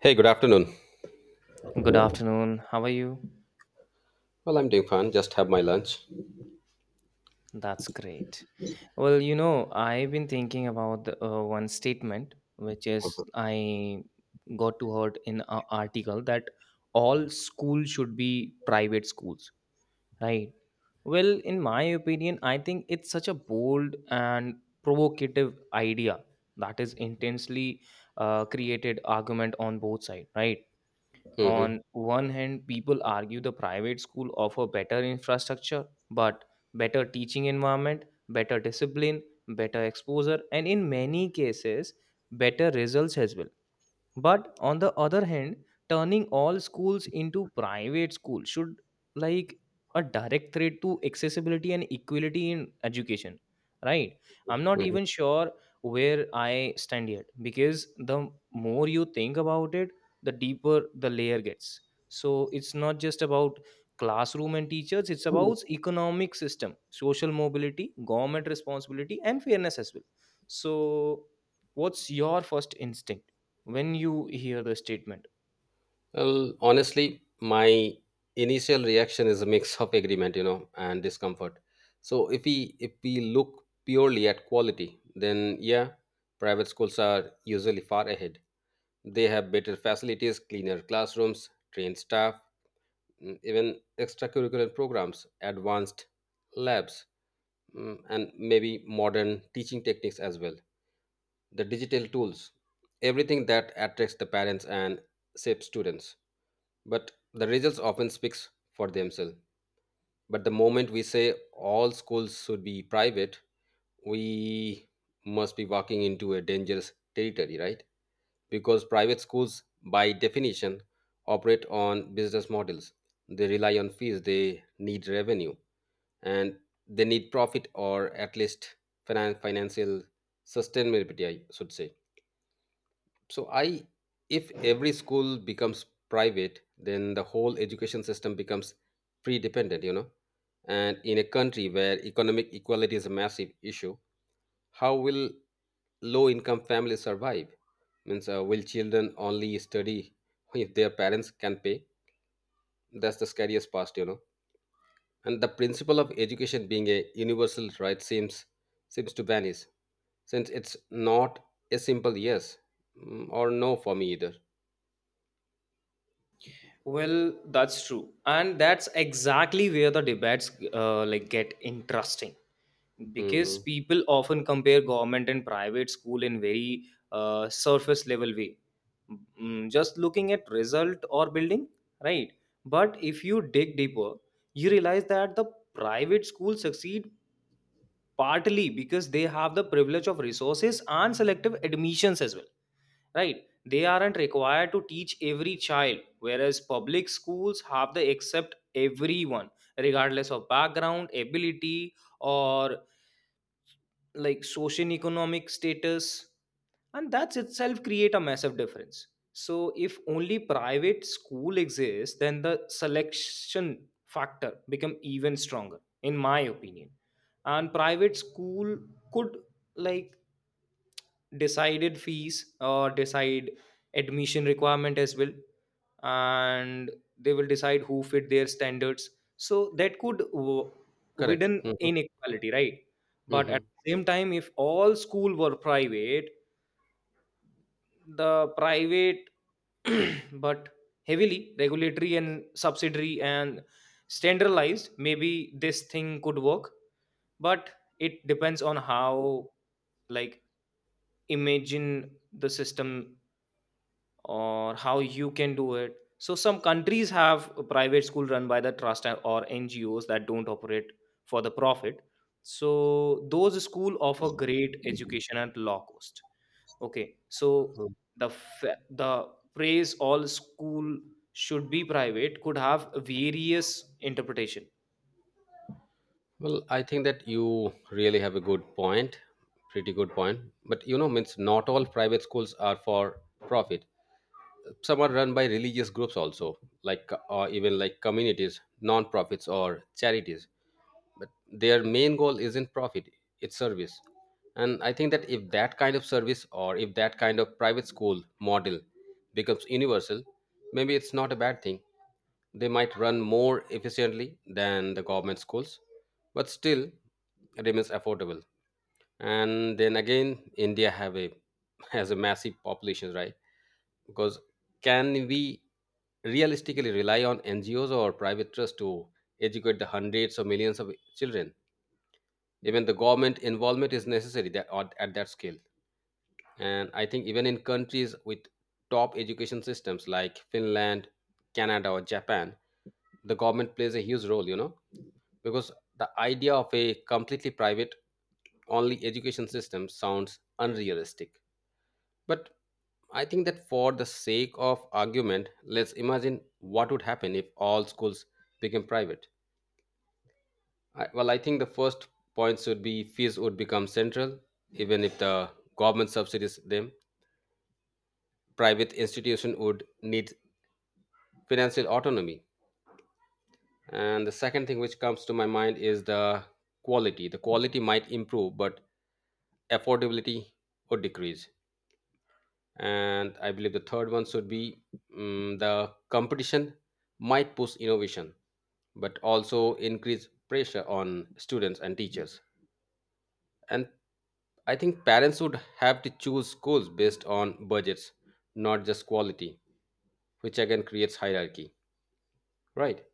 Hey, good afternoon. Good afternoon. How are you? Well, I'm doing fine. Just have my lunch. That's great. I've been thinking about the one statement, which is I got to heard in an article that all schools should be private schools, right? Well, in my opinion, I think it's such a bold and provocative idea that is intensely created argument on both sides, right? Hmm. On one hand, people argue the private school offer better infrastructure, but better teaching environment, better discipline, better exposure, and in many cases, better results as well, but on the other hand, turning all schools into private schools should like a direct threat to accessibility and equality in education, right? I'm not even Hmm. sure where I stand yet, because the more you think about it, the deeper the layer gets. So it's not just about classroom and teachers, it's about economic system, social mobility, government responsibility, and fairness as well. So what's your first instinct when you hear the statement? Well, honestly, my initial reaction is a mix of agreement, you know, and discomfort. So if we look purely at quality, then yeah, private schools are usually far ahead. They have better facilities, cleaner classrooms, trained staff, even extracurricular programs, advanced labs, and maybe modern teaching techniques as well. The digital tools, everything that attracts the parents and shapes students. But the results often speaks for themselves. But the moment we say all schools should be private, we must be walking into a dangerous territory, right? Because private schools, by definition, operate on business models. They rely on fees, they need revenue, and they need profit or at least financial sustainability, I should say. So I, if every school becomes private, then the whole education system becomes pre-dependent, you know. And in a country where economic equality is a massive issue, how will low-income families survive? Means will children only study if their parents can pay? That's the scariest part, you know. And the principle of education being a universal right seems to vanish, since it's not a simple yes, or no for me either. Well, that's true, and that's exactly where the debates like get interesting because Mhm. people often compare government and private school in very surface level way. Mm, just looking at result or building, right? But if you dig deeper, you realize that the private schools succeed partly because they have the privilege of resources and selective admissions as well, right? They aren't required to teach every child, whereas public schools have the accept everyone regardless of background ability or like social economic status, and that's itself create a massive difference. So if only private school exists, then the selection factor become even stronger in my opinion. And private school could like decided fees or decide admission requirement as well, and they will decide who fit their standards. So that could Correct. widen Mhm, inequality, right? But at mhm, the same time, if all school were private, the private but heavily regulatory and subsidiary and standardized, maybe this thing could work. But it depends on how, like, imagine the system or how you can do it. So some countries have a private school run by the trust or NGOs that don't operate for the profit. So those school offer great education at low cost. Okay, so mhm. The phrase all school should be private could have various interpretation, Well, I think that you really have a good point, pretty good point. But you know, means not all private schools are for profit. Some are run by religious groups also, like or even like communities, non-profits or charities. But their main goal isn't profit, it's service. And I think that if that kind of service or if that kind of private school model becomes universal, maybe it's not a bad thing. They might run more efficiently than the government schools, but still remains affordable. And then again, India have a has a massive population, right? Because can we realistically rely on NGOs or private trust to educate the hundreds or millions of children? Even the government involvement is necessary that at that scale. And I think even in countries with top education systems like Finland, Canada or Japan, the government plays a huge role, you know, because the idea of a completely private only education system sounds unrealistic. But I think that for the sake of argument, let's imagine what would happen if all schools became private. I, well, I think the first point should be fees would become central. Even if the government subsidies them, private institution would need financial autonomy. And the second thing which comes to my mind is the quality. The quality might improve, but affordability would decrease. And I believe the third one should be the competition might push innovation, but also increase pressure on students and teachers. And I think parents would have to choose schools based on budgets, not just quality, which again creates hierarchy, right?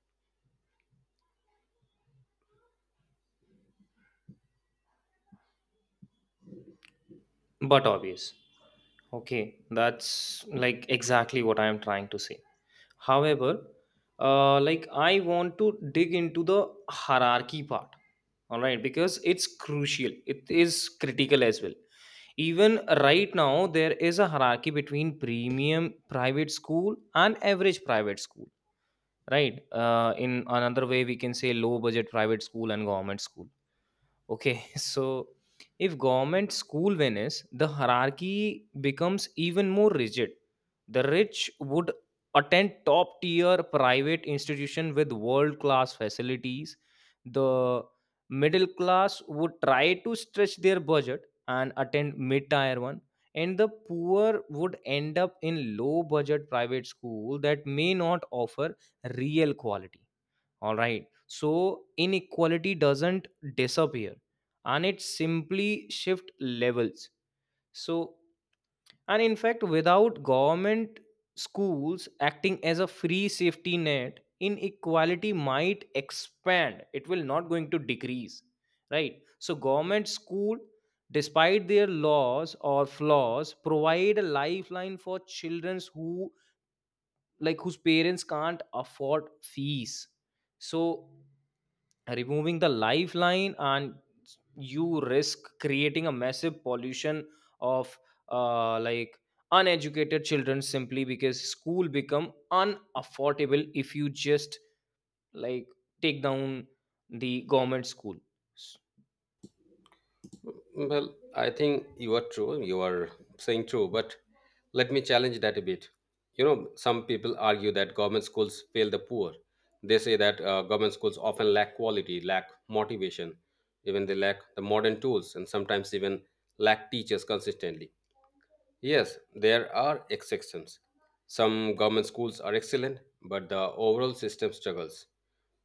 but obvious. Okay, that's like exactly what I am trying to say. However, like I want to dig into the hierarchy part, all right, because it's crucial. It is critical as well. Even right now, there is a hierarchy between premium private school and average private school, right? In another way, we can say low budget private school and government school. Okay, so if government school vanish, the hierarchy becomes even more rigid. The rich would attend top tier private institution with world class facilities. The middle class would try to stretch their budget and attend mid tier one. And the poor would end up in low budget private school that may not offer real quality. All right, so inequality doesn't disappear, and it simply shift levels. So, and in fact, without government schools acting as a free safety net, inequality might expand, it will not going to decrease, right? So government school, despite their laws or flaws, provide a lifeline for children who, like, whose parents can't afford fees. So removing the lifeline, and you risk creating a massive pollution of like uneducated children simply because school become unaffordable if you just like take down the government school. Well, I think you are true. You are saying true, but let me challenge that a bit. You know, some people argue that government schools fail the poor. They say that government schools often lack quality, lack motivation, even they lack the modern tools, and sometimes even lack teachers consistently. Yes, there are exceptions. Some government schools are excellent, but the overall system struggles.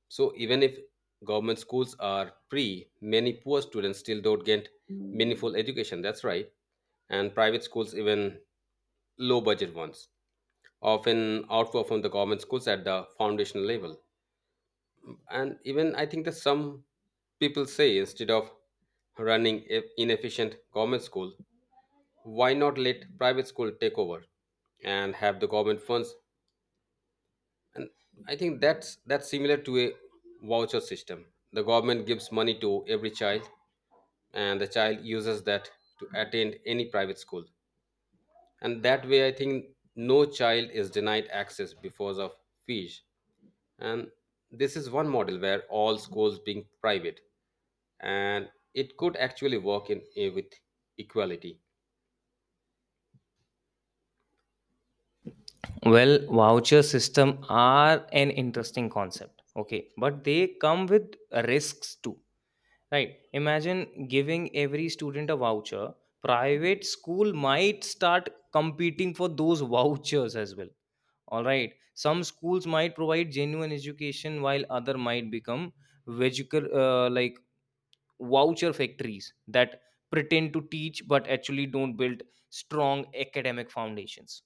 So even if government schools are free, many poor students still don't get meaningful education. That's right. And private schools, even low budget ones, often outperform the government schools at the foundational level. And even I think that some people say instead of running a inefficient government school, why not let private school take over and have the government funds. I think that's similar to a voucher system. The government gives money to every child, and the child uses that to attend any private school. And that way, I think no child is denied access because of fees. And this is one model where all schools being private, and it could actually work in eh, with equality. Well, voucher system are an interesting concept, okay, but they come with risks too. Right. Imagine giving every student a voucher. Private school might start competing for those vouchers as well. All right. Some schools might provide genuine education while other might become vehicle like voucher factories that pretend to teach but actually don't build strong academic foundations.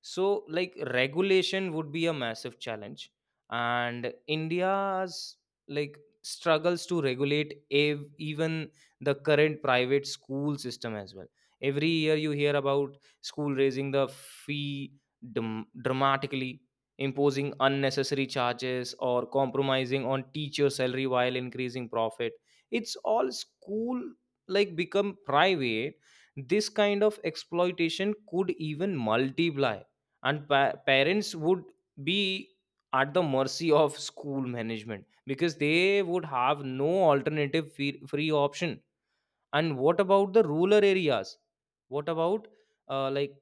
So, like, regulation would be a massive challenge, and India's like struggles to regulate even the current private school system as well. Every year you hear about school raising the fee dramatically, imposing unnecessary charges, or compromising on teacher salary while increasing profit. It's all school like become private, this kind of exploitation could even multiply, and parents would be at the mercy of school management because they would have no alternative free option. And what about the rural areas? What about like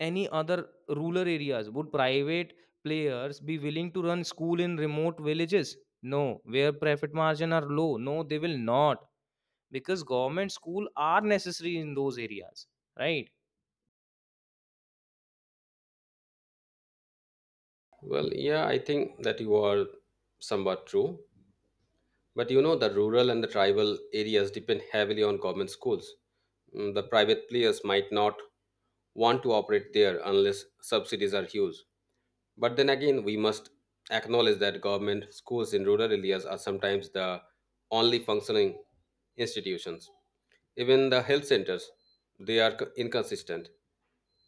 any other rural areas, would private players be willing to run school in remote villages? No, where profit margin are low, no, they will not, because government school are necessary in those areas, right? Well, yeah, I think that you are somewhat true. But you know, the rural and the tribal areas depend heavily on government schools. Mm, the private players might not want to operate there unless subsidies are huge. But then again, we must acknowledge that government schools in rural areas are sometimes the only functioning institutions. Even the health centers, they are inconsistent,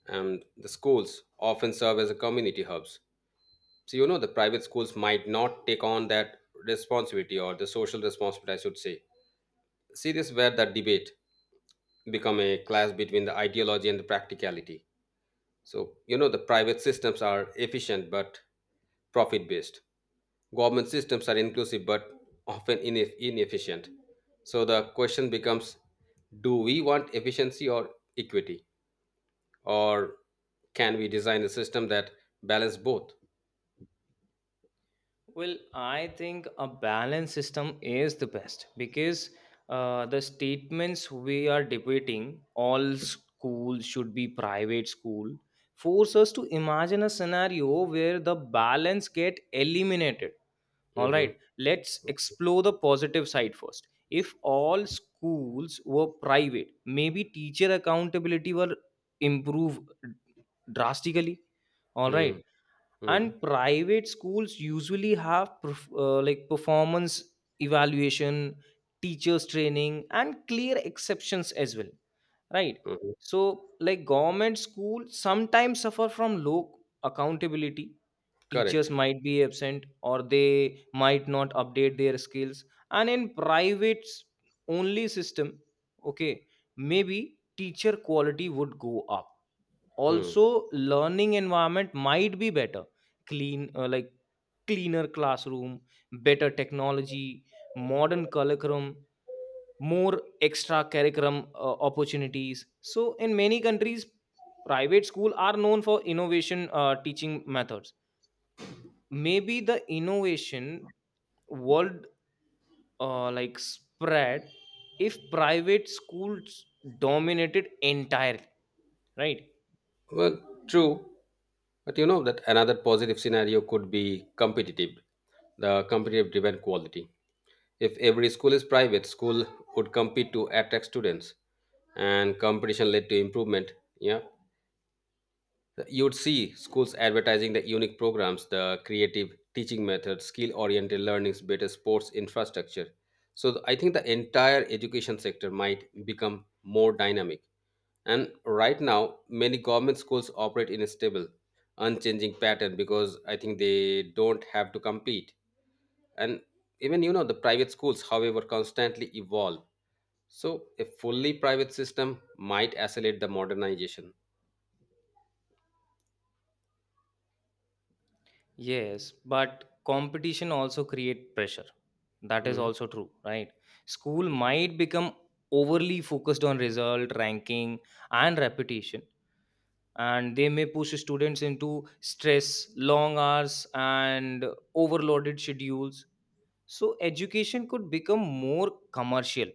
and the schools often serve as a community hubs. So you know, the private schools might not take on that responsibility or the social responsibility, I should say, series where the debate become a clash between the ideology and the practicality. So, you know, the private systems are efficient but profit based. Government systems are inclusive but often inefficient. So the question becomes, do we want efficiency or equity? Or can we design a system that balance both? Well, I think a balanced system is the best because the statements we are debating, all school should be private school, force us to imagine a scenario where the balance get eliminated. All Hmm. right, let's explore the positive side first. If all schools were private, maybe teacher accountability were improve drastically, all right. Mm-hmm. And private schools usually have like performance evaluation, teachers training, and clear exceptions as well, right? Mm-hmm. So, like, government school sometimes suffer from low accountability, teachers Correct. might be absent or they might not update their skills. And in only system, okay, maybe teacher quality would go up, Hmm. also learning environment might be better. Clean like cleaner classroom, better technology, modern curriculum, more extra curriculum opportunities. So in many countries, private school are known for innovation teaching methods. Maybe the innovation world like spread if private schools dominated entirely, right? Well, true. But you know that another positive scenario could be competitive, the competitive driven quality. If every school is private, school would compete to attract students, and competition led to improvement. Yeah, you would see schools advertising the unique programs, the creative teaching methods, skill oriented learnings, better sports infrastructure. So I think the entire education sector might become more dynamic. And right now, many government schools operate in a stable, unchanging pattern because I think they don't have to compete. And even, you know, the private schools, however, constantly evolve. So a fully private system might accelerate the modernization. Yes, but competition also create pressure. That is Mhm. also true, right? School might become overly focused on result, ranking, and reputation, and they may push students into stress, long hours, and overloaded schedules. So education could become more commercial,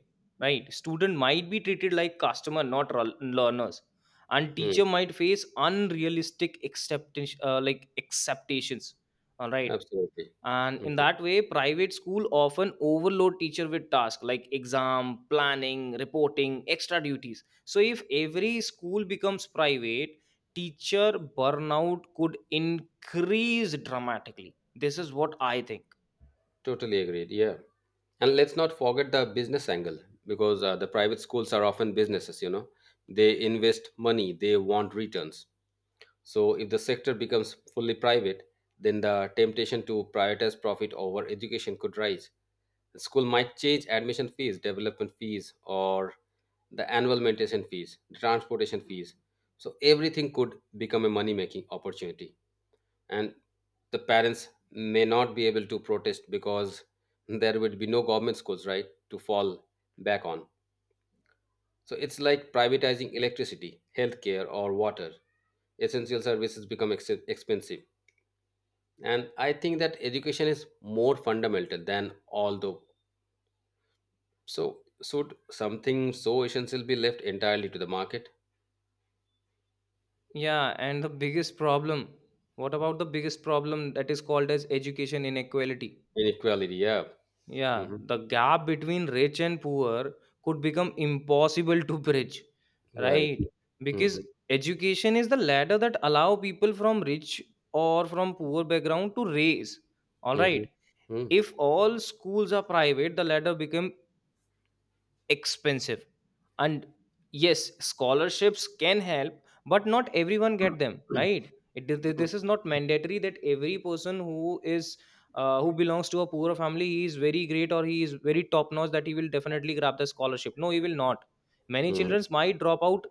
right? Student might be treated like customer, not learners, and teacher might face unrealistic like acceptations, all right. Absolutely. And in Mhm. that way, private school often overload teacher with tasks like exam planning, reporting, extra duties. So if every school becomes private, teacher burnout could increase dramatically, this is what I think. Totally agreed. Yeah. And let's not forget the business angle, because the private schools are often businesses, you know, they invest money, they want returns. So if the sector becomes fully private, then the temptation to prioritize profit over education could rise. The school might change admission fees, development fees, or the annual maintenance fees, transportation fees. So everything could become a money making opportunity. And the parents may not be able to protest because there would be no government schools right to fall back on. So it's like privatizing electricity, healthcare or water, essential services become expensive. And I think that education is more fundamental than all the. So should something so essential be left entirely to the market? Yeah, and the biggest problem, what about the biggest problem that is called as education inequality? Inequality, yeah. Yeah, Hmm. the gap between rich and poor could become impossible to bridge, Right. right? Hmm. Because education is the ladder that allow people from rich or from poor background to raise. All Hmm. right. Hmm. If all schools are private, the ladder become expensive, and yes, scholarships can help, but not everyone get them, right? It, this is not mandatory that every person who is who belongs to a poorer family, he is very great or he is very top notch that he will definitely grab the scholarship. No, he will not. Many Hmm. children might drop out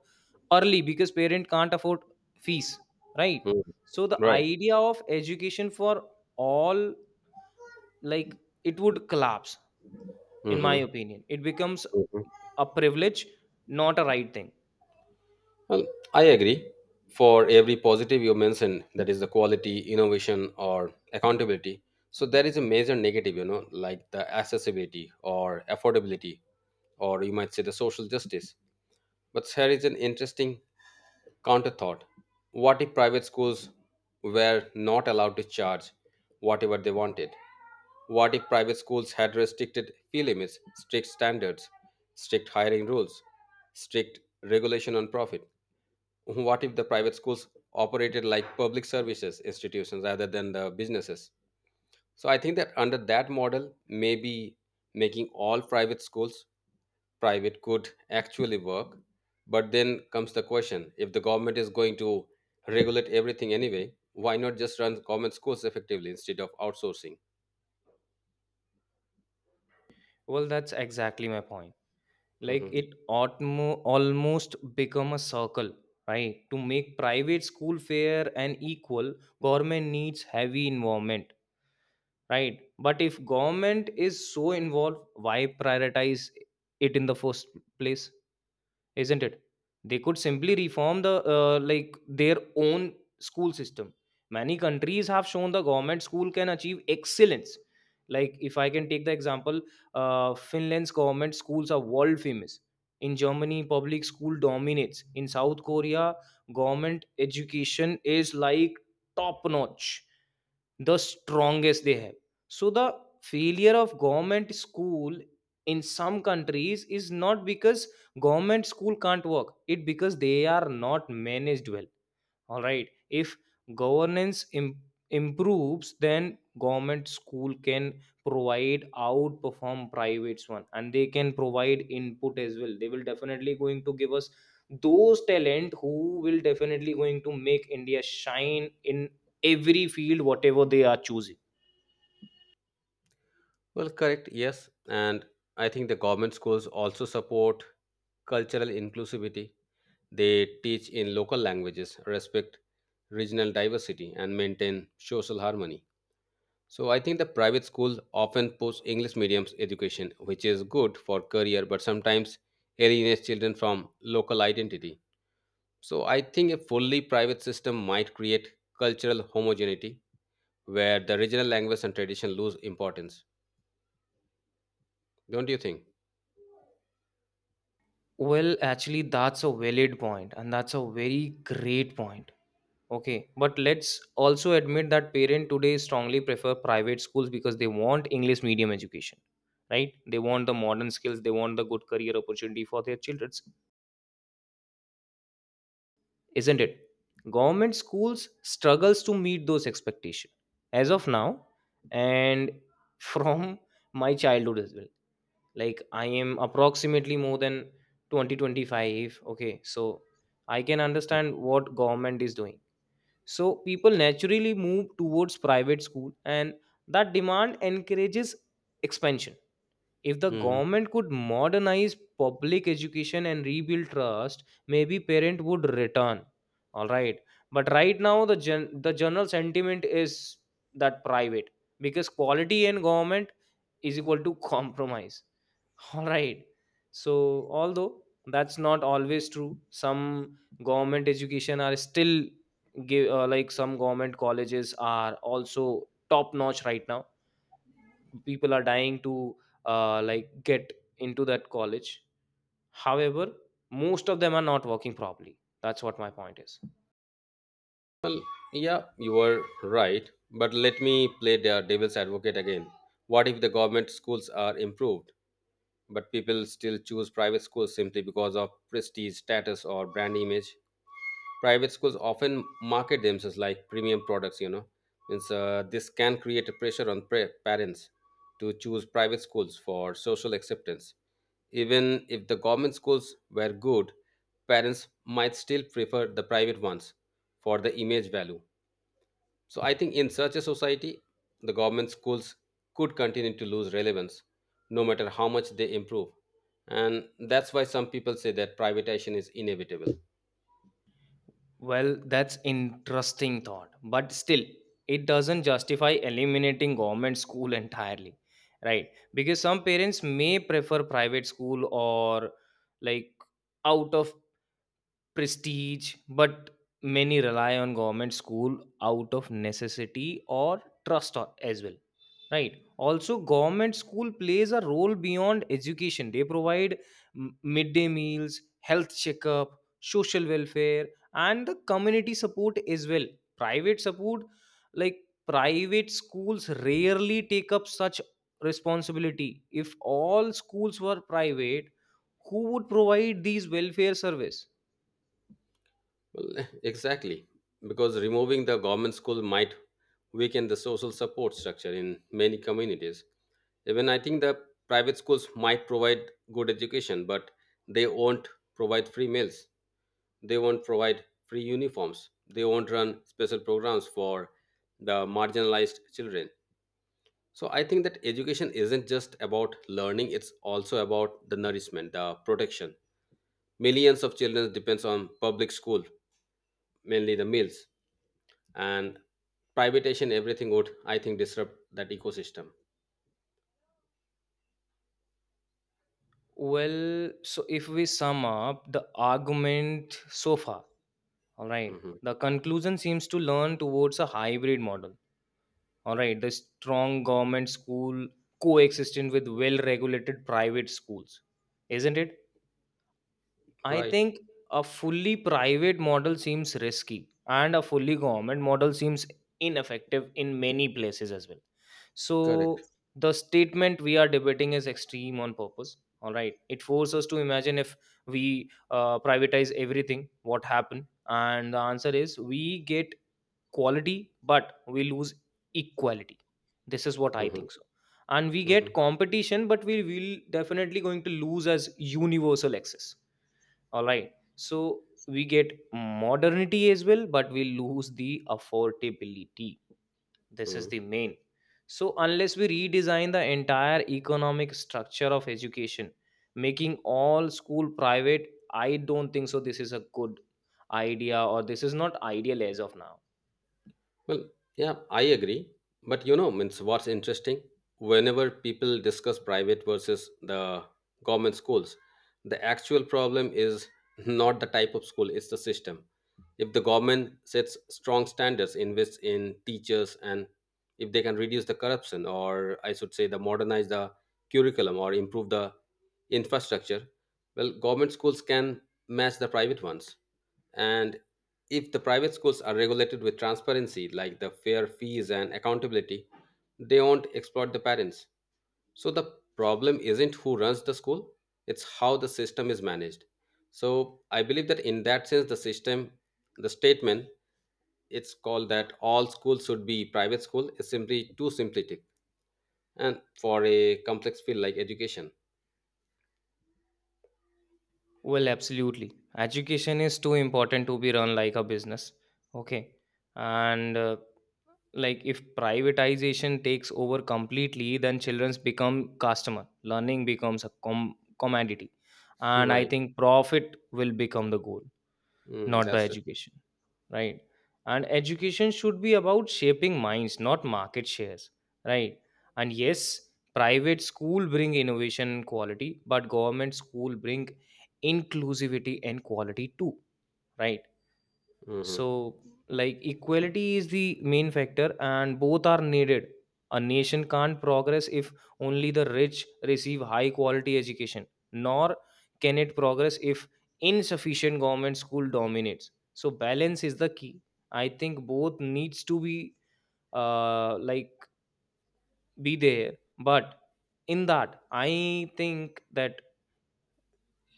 early because parent can't afford fees, right? Hmm. So the Right. idea of education for all, like, it would collapse, in my Hmm. opinion. It becomes a privilege, not a right thing. Well, I agree. For every positive you mentioned, that is the quality, innovation, or accountability. So there is a major negative, you know, like the accessibility or affordability, or you might say the social justice. But here is an interesting counter thought. What if private schools were not allowed to charge whatever they wanted? What if private schools had restricted fee limits, strict standards, strict hiring rules, strict regulation on profit? What if the private schools operated like public services institutions rather than the businesses? So I think that under that model, maybe making all private schools private could actually work. But then comes the question, if the government is going to regulate everything anyway, why not just run government schools effectively instead of outsourcing? Well, that's exactly my point, like Mhm. it ought almost become a circle, right? To make private school fair and equal, government needs heavy involvement, right? But if government is so involved, why prioritize it in the first place, isn't it? They could simply reform the like their own school system. Many countries have shown the government school can achieve excellence, like if I can take the example, Finland's government schools are world famous, in Germany public school dominates, in South Korea government education is like top notch, the strongest they have. So the failure of government school in some countries is not because government school can't work, it because they are not managed well. All right, if governance Im- improves, then government school can provide outperform private one, and they can provide input as well, they will definitely going to give us those talent who will definitely going to make India shine in every field whatever they are choosing. Well, correct, yes. And I think the government schools also support cultural inclusivity. They teach in local languages, respect regional diversity, and maintain social harmony. So I think the private schools often push English medium's education, which is good for career, but sometimes alienates children from local identity. So I think a fully private system might create cultural homogeneity where the regional language and tradition lose importance. Don't you think? Well, actually that's a valid point, and that's a very great point. Okay, but let's also admit that parents today strongly prefer private schools because they want English medium education, right? They want the modern skills, they want the good career opportunity for their children, isn't it? Government schools struggles to meet those expectations as of now, and from my childhood as well. Like I am approximately more than twenty twenty five. Okay, so I can understand what government is doing, so people naturally move towards private school, and that demand encourages expansion. If the Mhm. government could modernize public education and rebuild trust, maybe parent would return. All right, but right now the general sentiment is that private, because quality, and government is equal to compromise. All right, so although that's not always true, some government education are still give like, some government colleges are also top notch right now. People are dying to like, get into that college. However, most of them are not working properly. That's what my point is. Well, yeah, you are right. But let me play the devil's advocate again. What if the government schools are improved, but people still choose private schools simply because of prestige, status, or brand image? Private schools often market themselves like premium products, you know. Means, this can create a pressure on parents to choose private schools for social acceptance. Even if the government schools were good, parents might still prefer the private ones for the image value. So I think in such a society, the government schools could continue to lose relevance no matter how much they improve. And that's why some people say that privatization is inevitable. Well, that's interesting thought, but still it doesn't justify eliminating government school entirely, right? Because some parents may prefer private school or, like, out of prestige, but many rely on government school out of necessity or trust or- as well. Right. Also, government school plays a role beyond education. They provide midday meals, health checkup, social welfare, and the community support as well. Private support, like private schools, rarely take up such responsibility. If all schools were private, who would provide these welfare service? Well, exactly, because removing the government school might weaken the social support structure in many communities. Even I think the private schools might provide good education, but they won't provide free meals. They won't provide free uniforms. They won't run special programs for the marginalized children. So I think that education isn't just about learning, it's also about the nourishment, the protection. Millions of children depends on public school, mainly the meals. And privatization, everything would, I think, disrupt that ecosystem. Well, so if we sum up the argument so far, all right, Mhm. the conclusion seems to lean towards a hybrid model. All right, the strong government school coexisting with well regulated private schools, isn't it? I Right. think a fully private model seems risky, and a fully government model seems ineffective in many places as well. Correct. So the statement we are debating is extreme on purpose. All right, it forces us to imagine if we privatize everything, what happened? And the answer is, we get quality, but we lose equality. This is what I Mhm. think so. And we Mhm. get competition, but we will definitely going to lose as universal access. All right, so we get modernity as well, but we lose the affordability. This is Mhm. the main. So unless we redesign the entire economic structure of education, making all school private, I don't think so this is a good idea, or this is not ideal as of now. Well, yeah, I agree. But you know, means what's interesting? Whenever people discuss private versus the government schools, the actual problem is not the type of school, it's the system. If the government sets strong standards, invests in teachers, and if they can reduce the corruption, or I should say, the modernize the curriculum or improve the infrastructure, well, government schools can match the private ones. And if the private schools are regulated with transparency, like the fair fees and accountability, they won't exploit the parents. So the problem isn't who runs the school, it's how the system is managed. So I believe that in that sense, the system, the statement, it's called that all schools should be private school is simply too simplistic and for a complex field like education. Well, absolutely. Education is too important to be run like a business. Okay. And like, if privatization takes over completely, then childrens become customer. Learning becomes a commodity. And I Right. think profit will become the goal, Mm, not the that's education, right? And education should be about shaping minds, not market shares, right? And yes, private school bring innovation and quality, but government school bring inclusivity and quality too, right? true. So, like, equality is the main factor, and both are needed. A nation can't progress if only the rich receive high quality education, nor can it progress if insufficient government school dominates. So, balance is the key. I think both needs to be, like, be there, but in that, I think that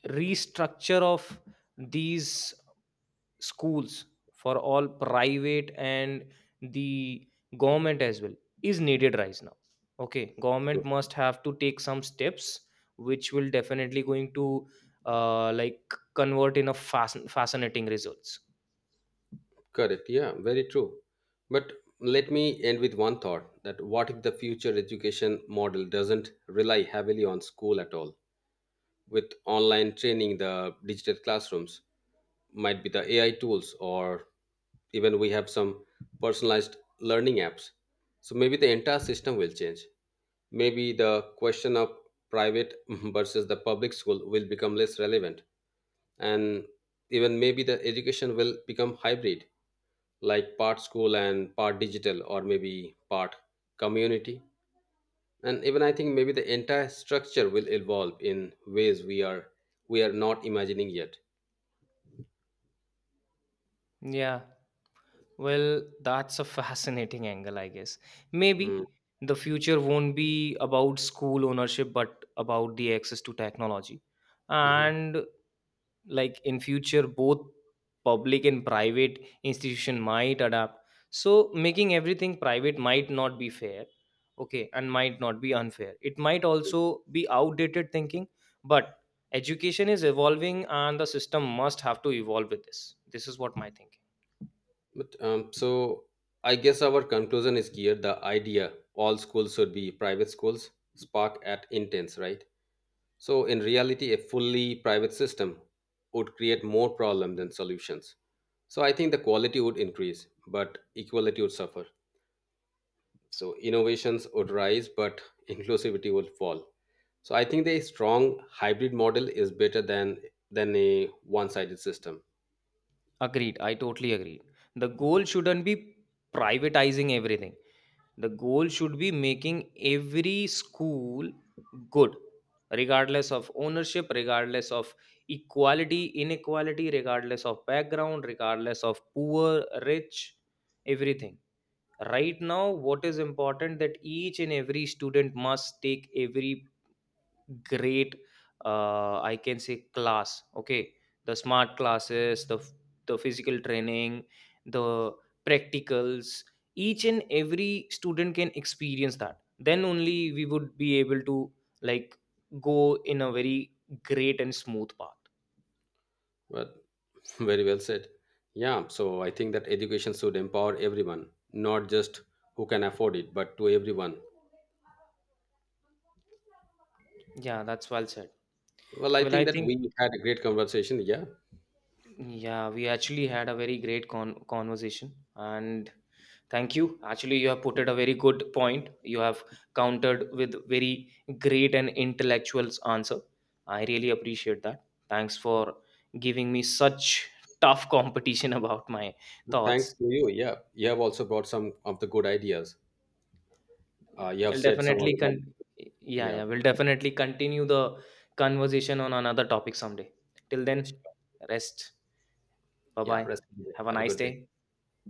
restructure of these schools, for all private and the government as well, is needed right now. Okay, government must have to take some steps which will definitely going to, like, convert in a fascinating results. Correct. Yeah, very true. But let me end with one thought, that what if the future education model doesn't rely heavily on school at all? With online training, the digital classrooms might be the AI tools, or even we have some personalized learning apps. So maybe the entire system will change. Maybe the question of private versus the public school will become less relevant. And even maybe the education will become hybrid, like part school and part digital or maybe part community. And even I think maybe the entire structure will evolve in ways we are not imagining yet. Yeah, well, that's a fascinating angle, I guess. Mm, Maybe the future won't be about school ownership, but about the access to technology. mhm. And, like, in future both public and private institution might adapt. So making everything private might not be fair. Okay, and might not be unfair, it might also be outdated thinking. But education is evolving, and the system must have to evolve with this. Is what my thinking. But so I guess our conclusion is clear. The idea all schools should be private schools spark at intense, right? So in reality, a fully private system would create more problems than solutions. So I think the quality would increase but equality would suffer. So innovations would rise, but inclusivity would fall. So I think the strong hybrid model is better than a one-sided system. Agreed, I totally agreed. The goal shouldn't be privatizing everything. The goal should be making every school good, regardless of ownership, regardless of equality, inequality, regardless of background, regardless of poor, rich, everything. Right now, what is important that each and every student must take every great, I can say, class. Okay, the smart classes, the f- the physical training, the practicals. Each and every student can experience that, then only we would be able to, like, go in a very great and smooth path. But very well said. Yeah, so I think that education should empower everyone, not just who can afford it, but to everyone. Yeah, that's well said. Well, I Well, think I that think, we had a great conversation. Yeah. yeah, we actually had a very great conversation. And thank you. Actually, you have put it a very good point. You have countered with very great and intellectual's answer. I really appreciate that. Thanks for giving me such tough competition about my Thanks thoughts. to you. Yeah. You have also brought some of the good ideas. You have I'll said some of definitely the bad. con- yeah, Yeah. yeah, we'll definitely continue the conversation on another topic someday. Till then, Sure. rest. Yeah. Bye-bye. Rest. In peace. Have a Have a nice good day. day.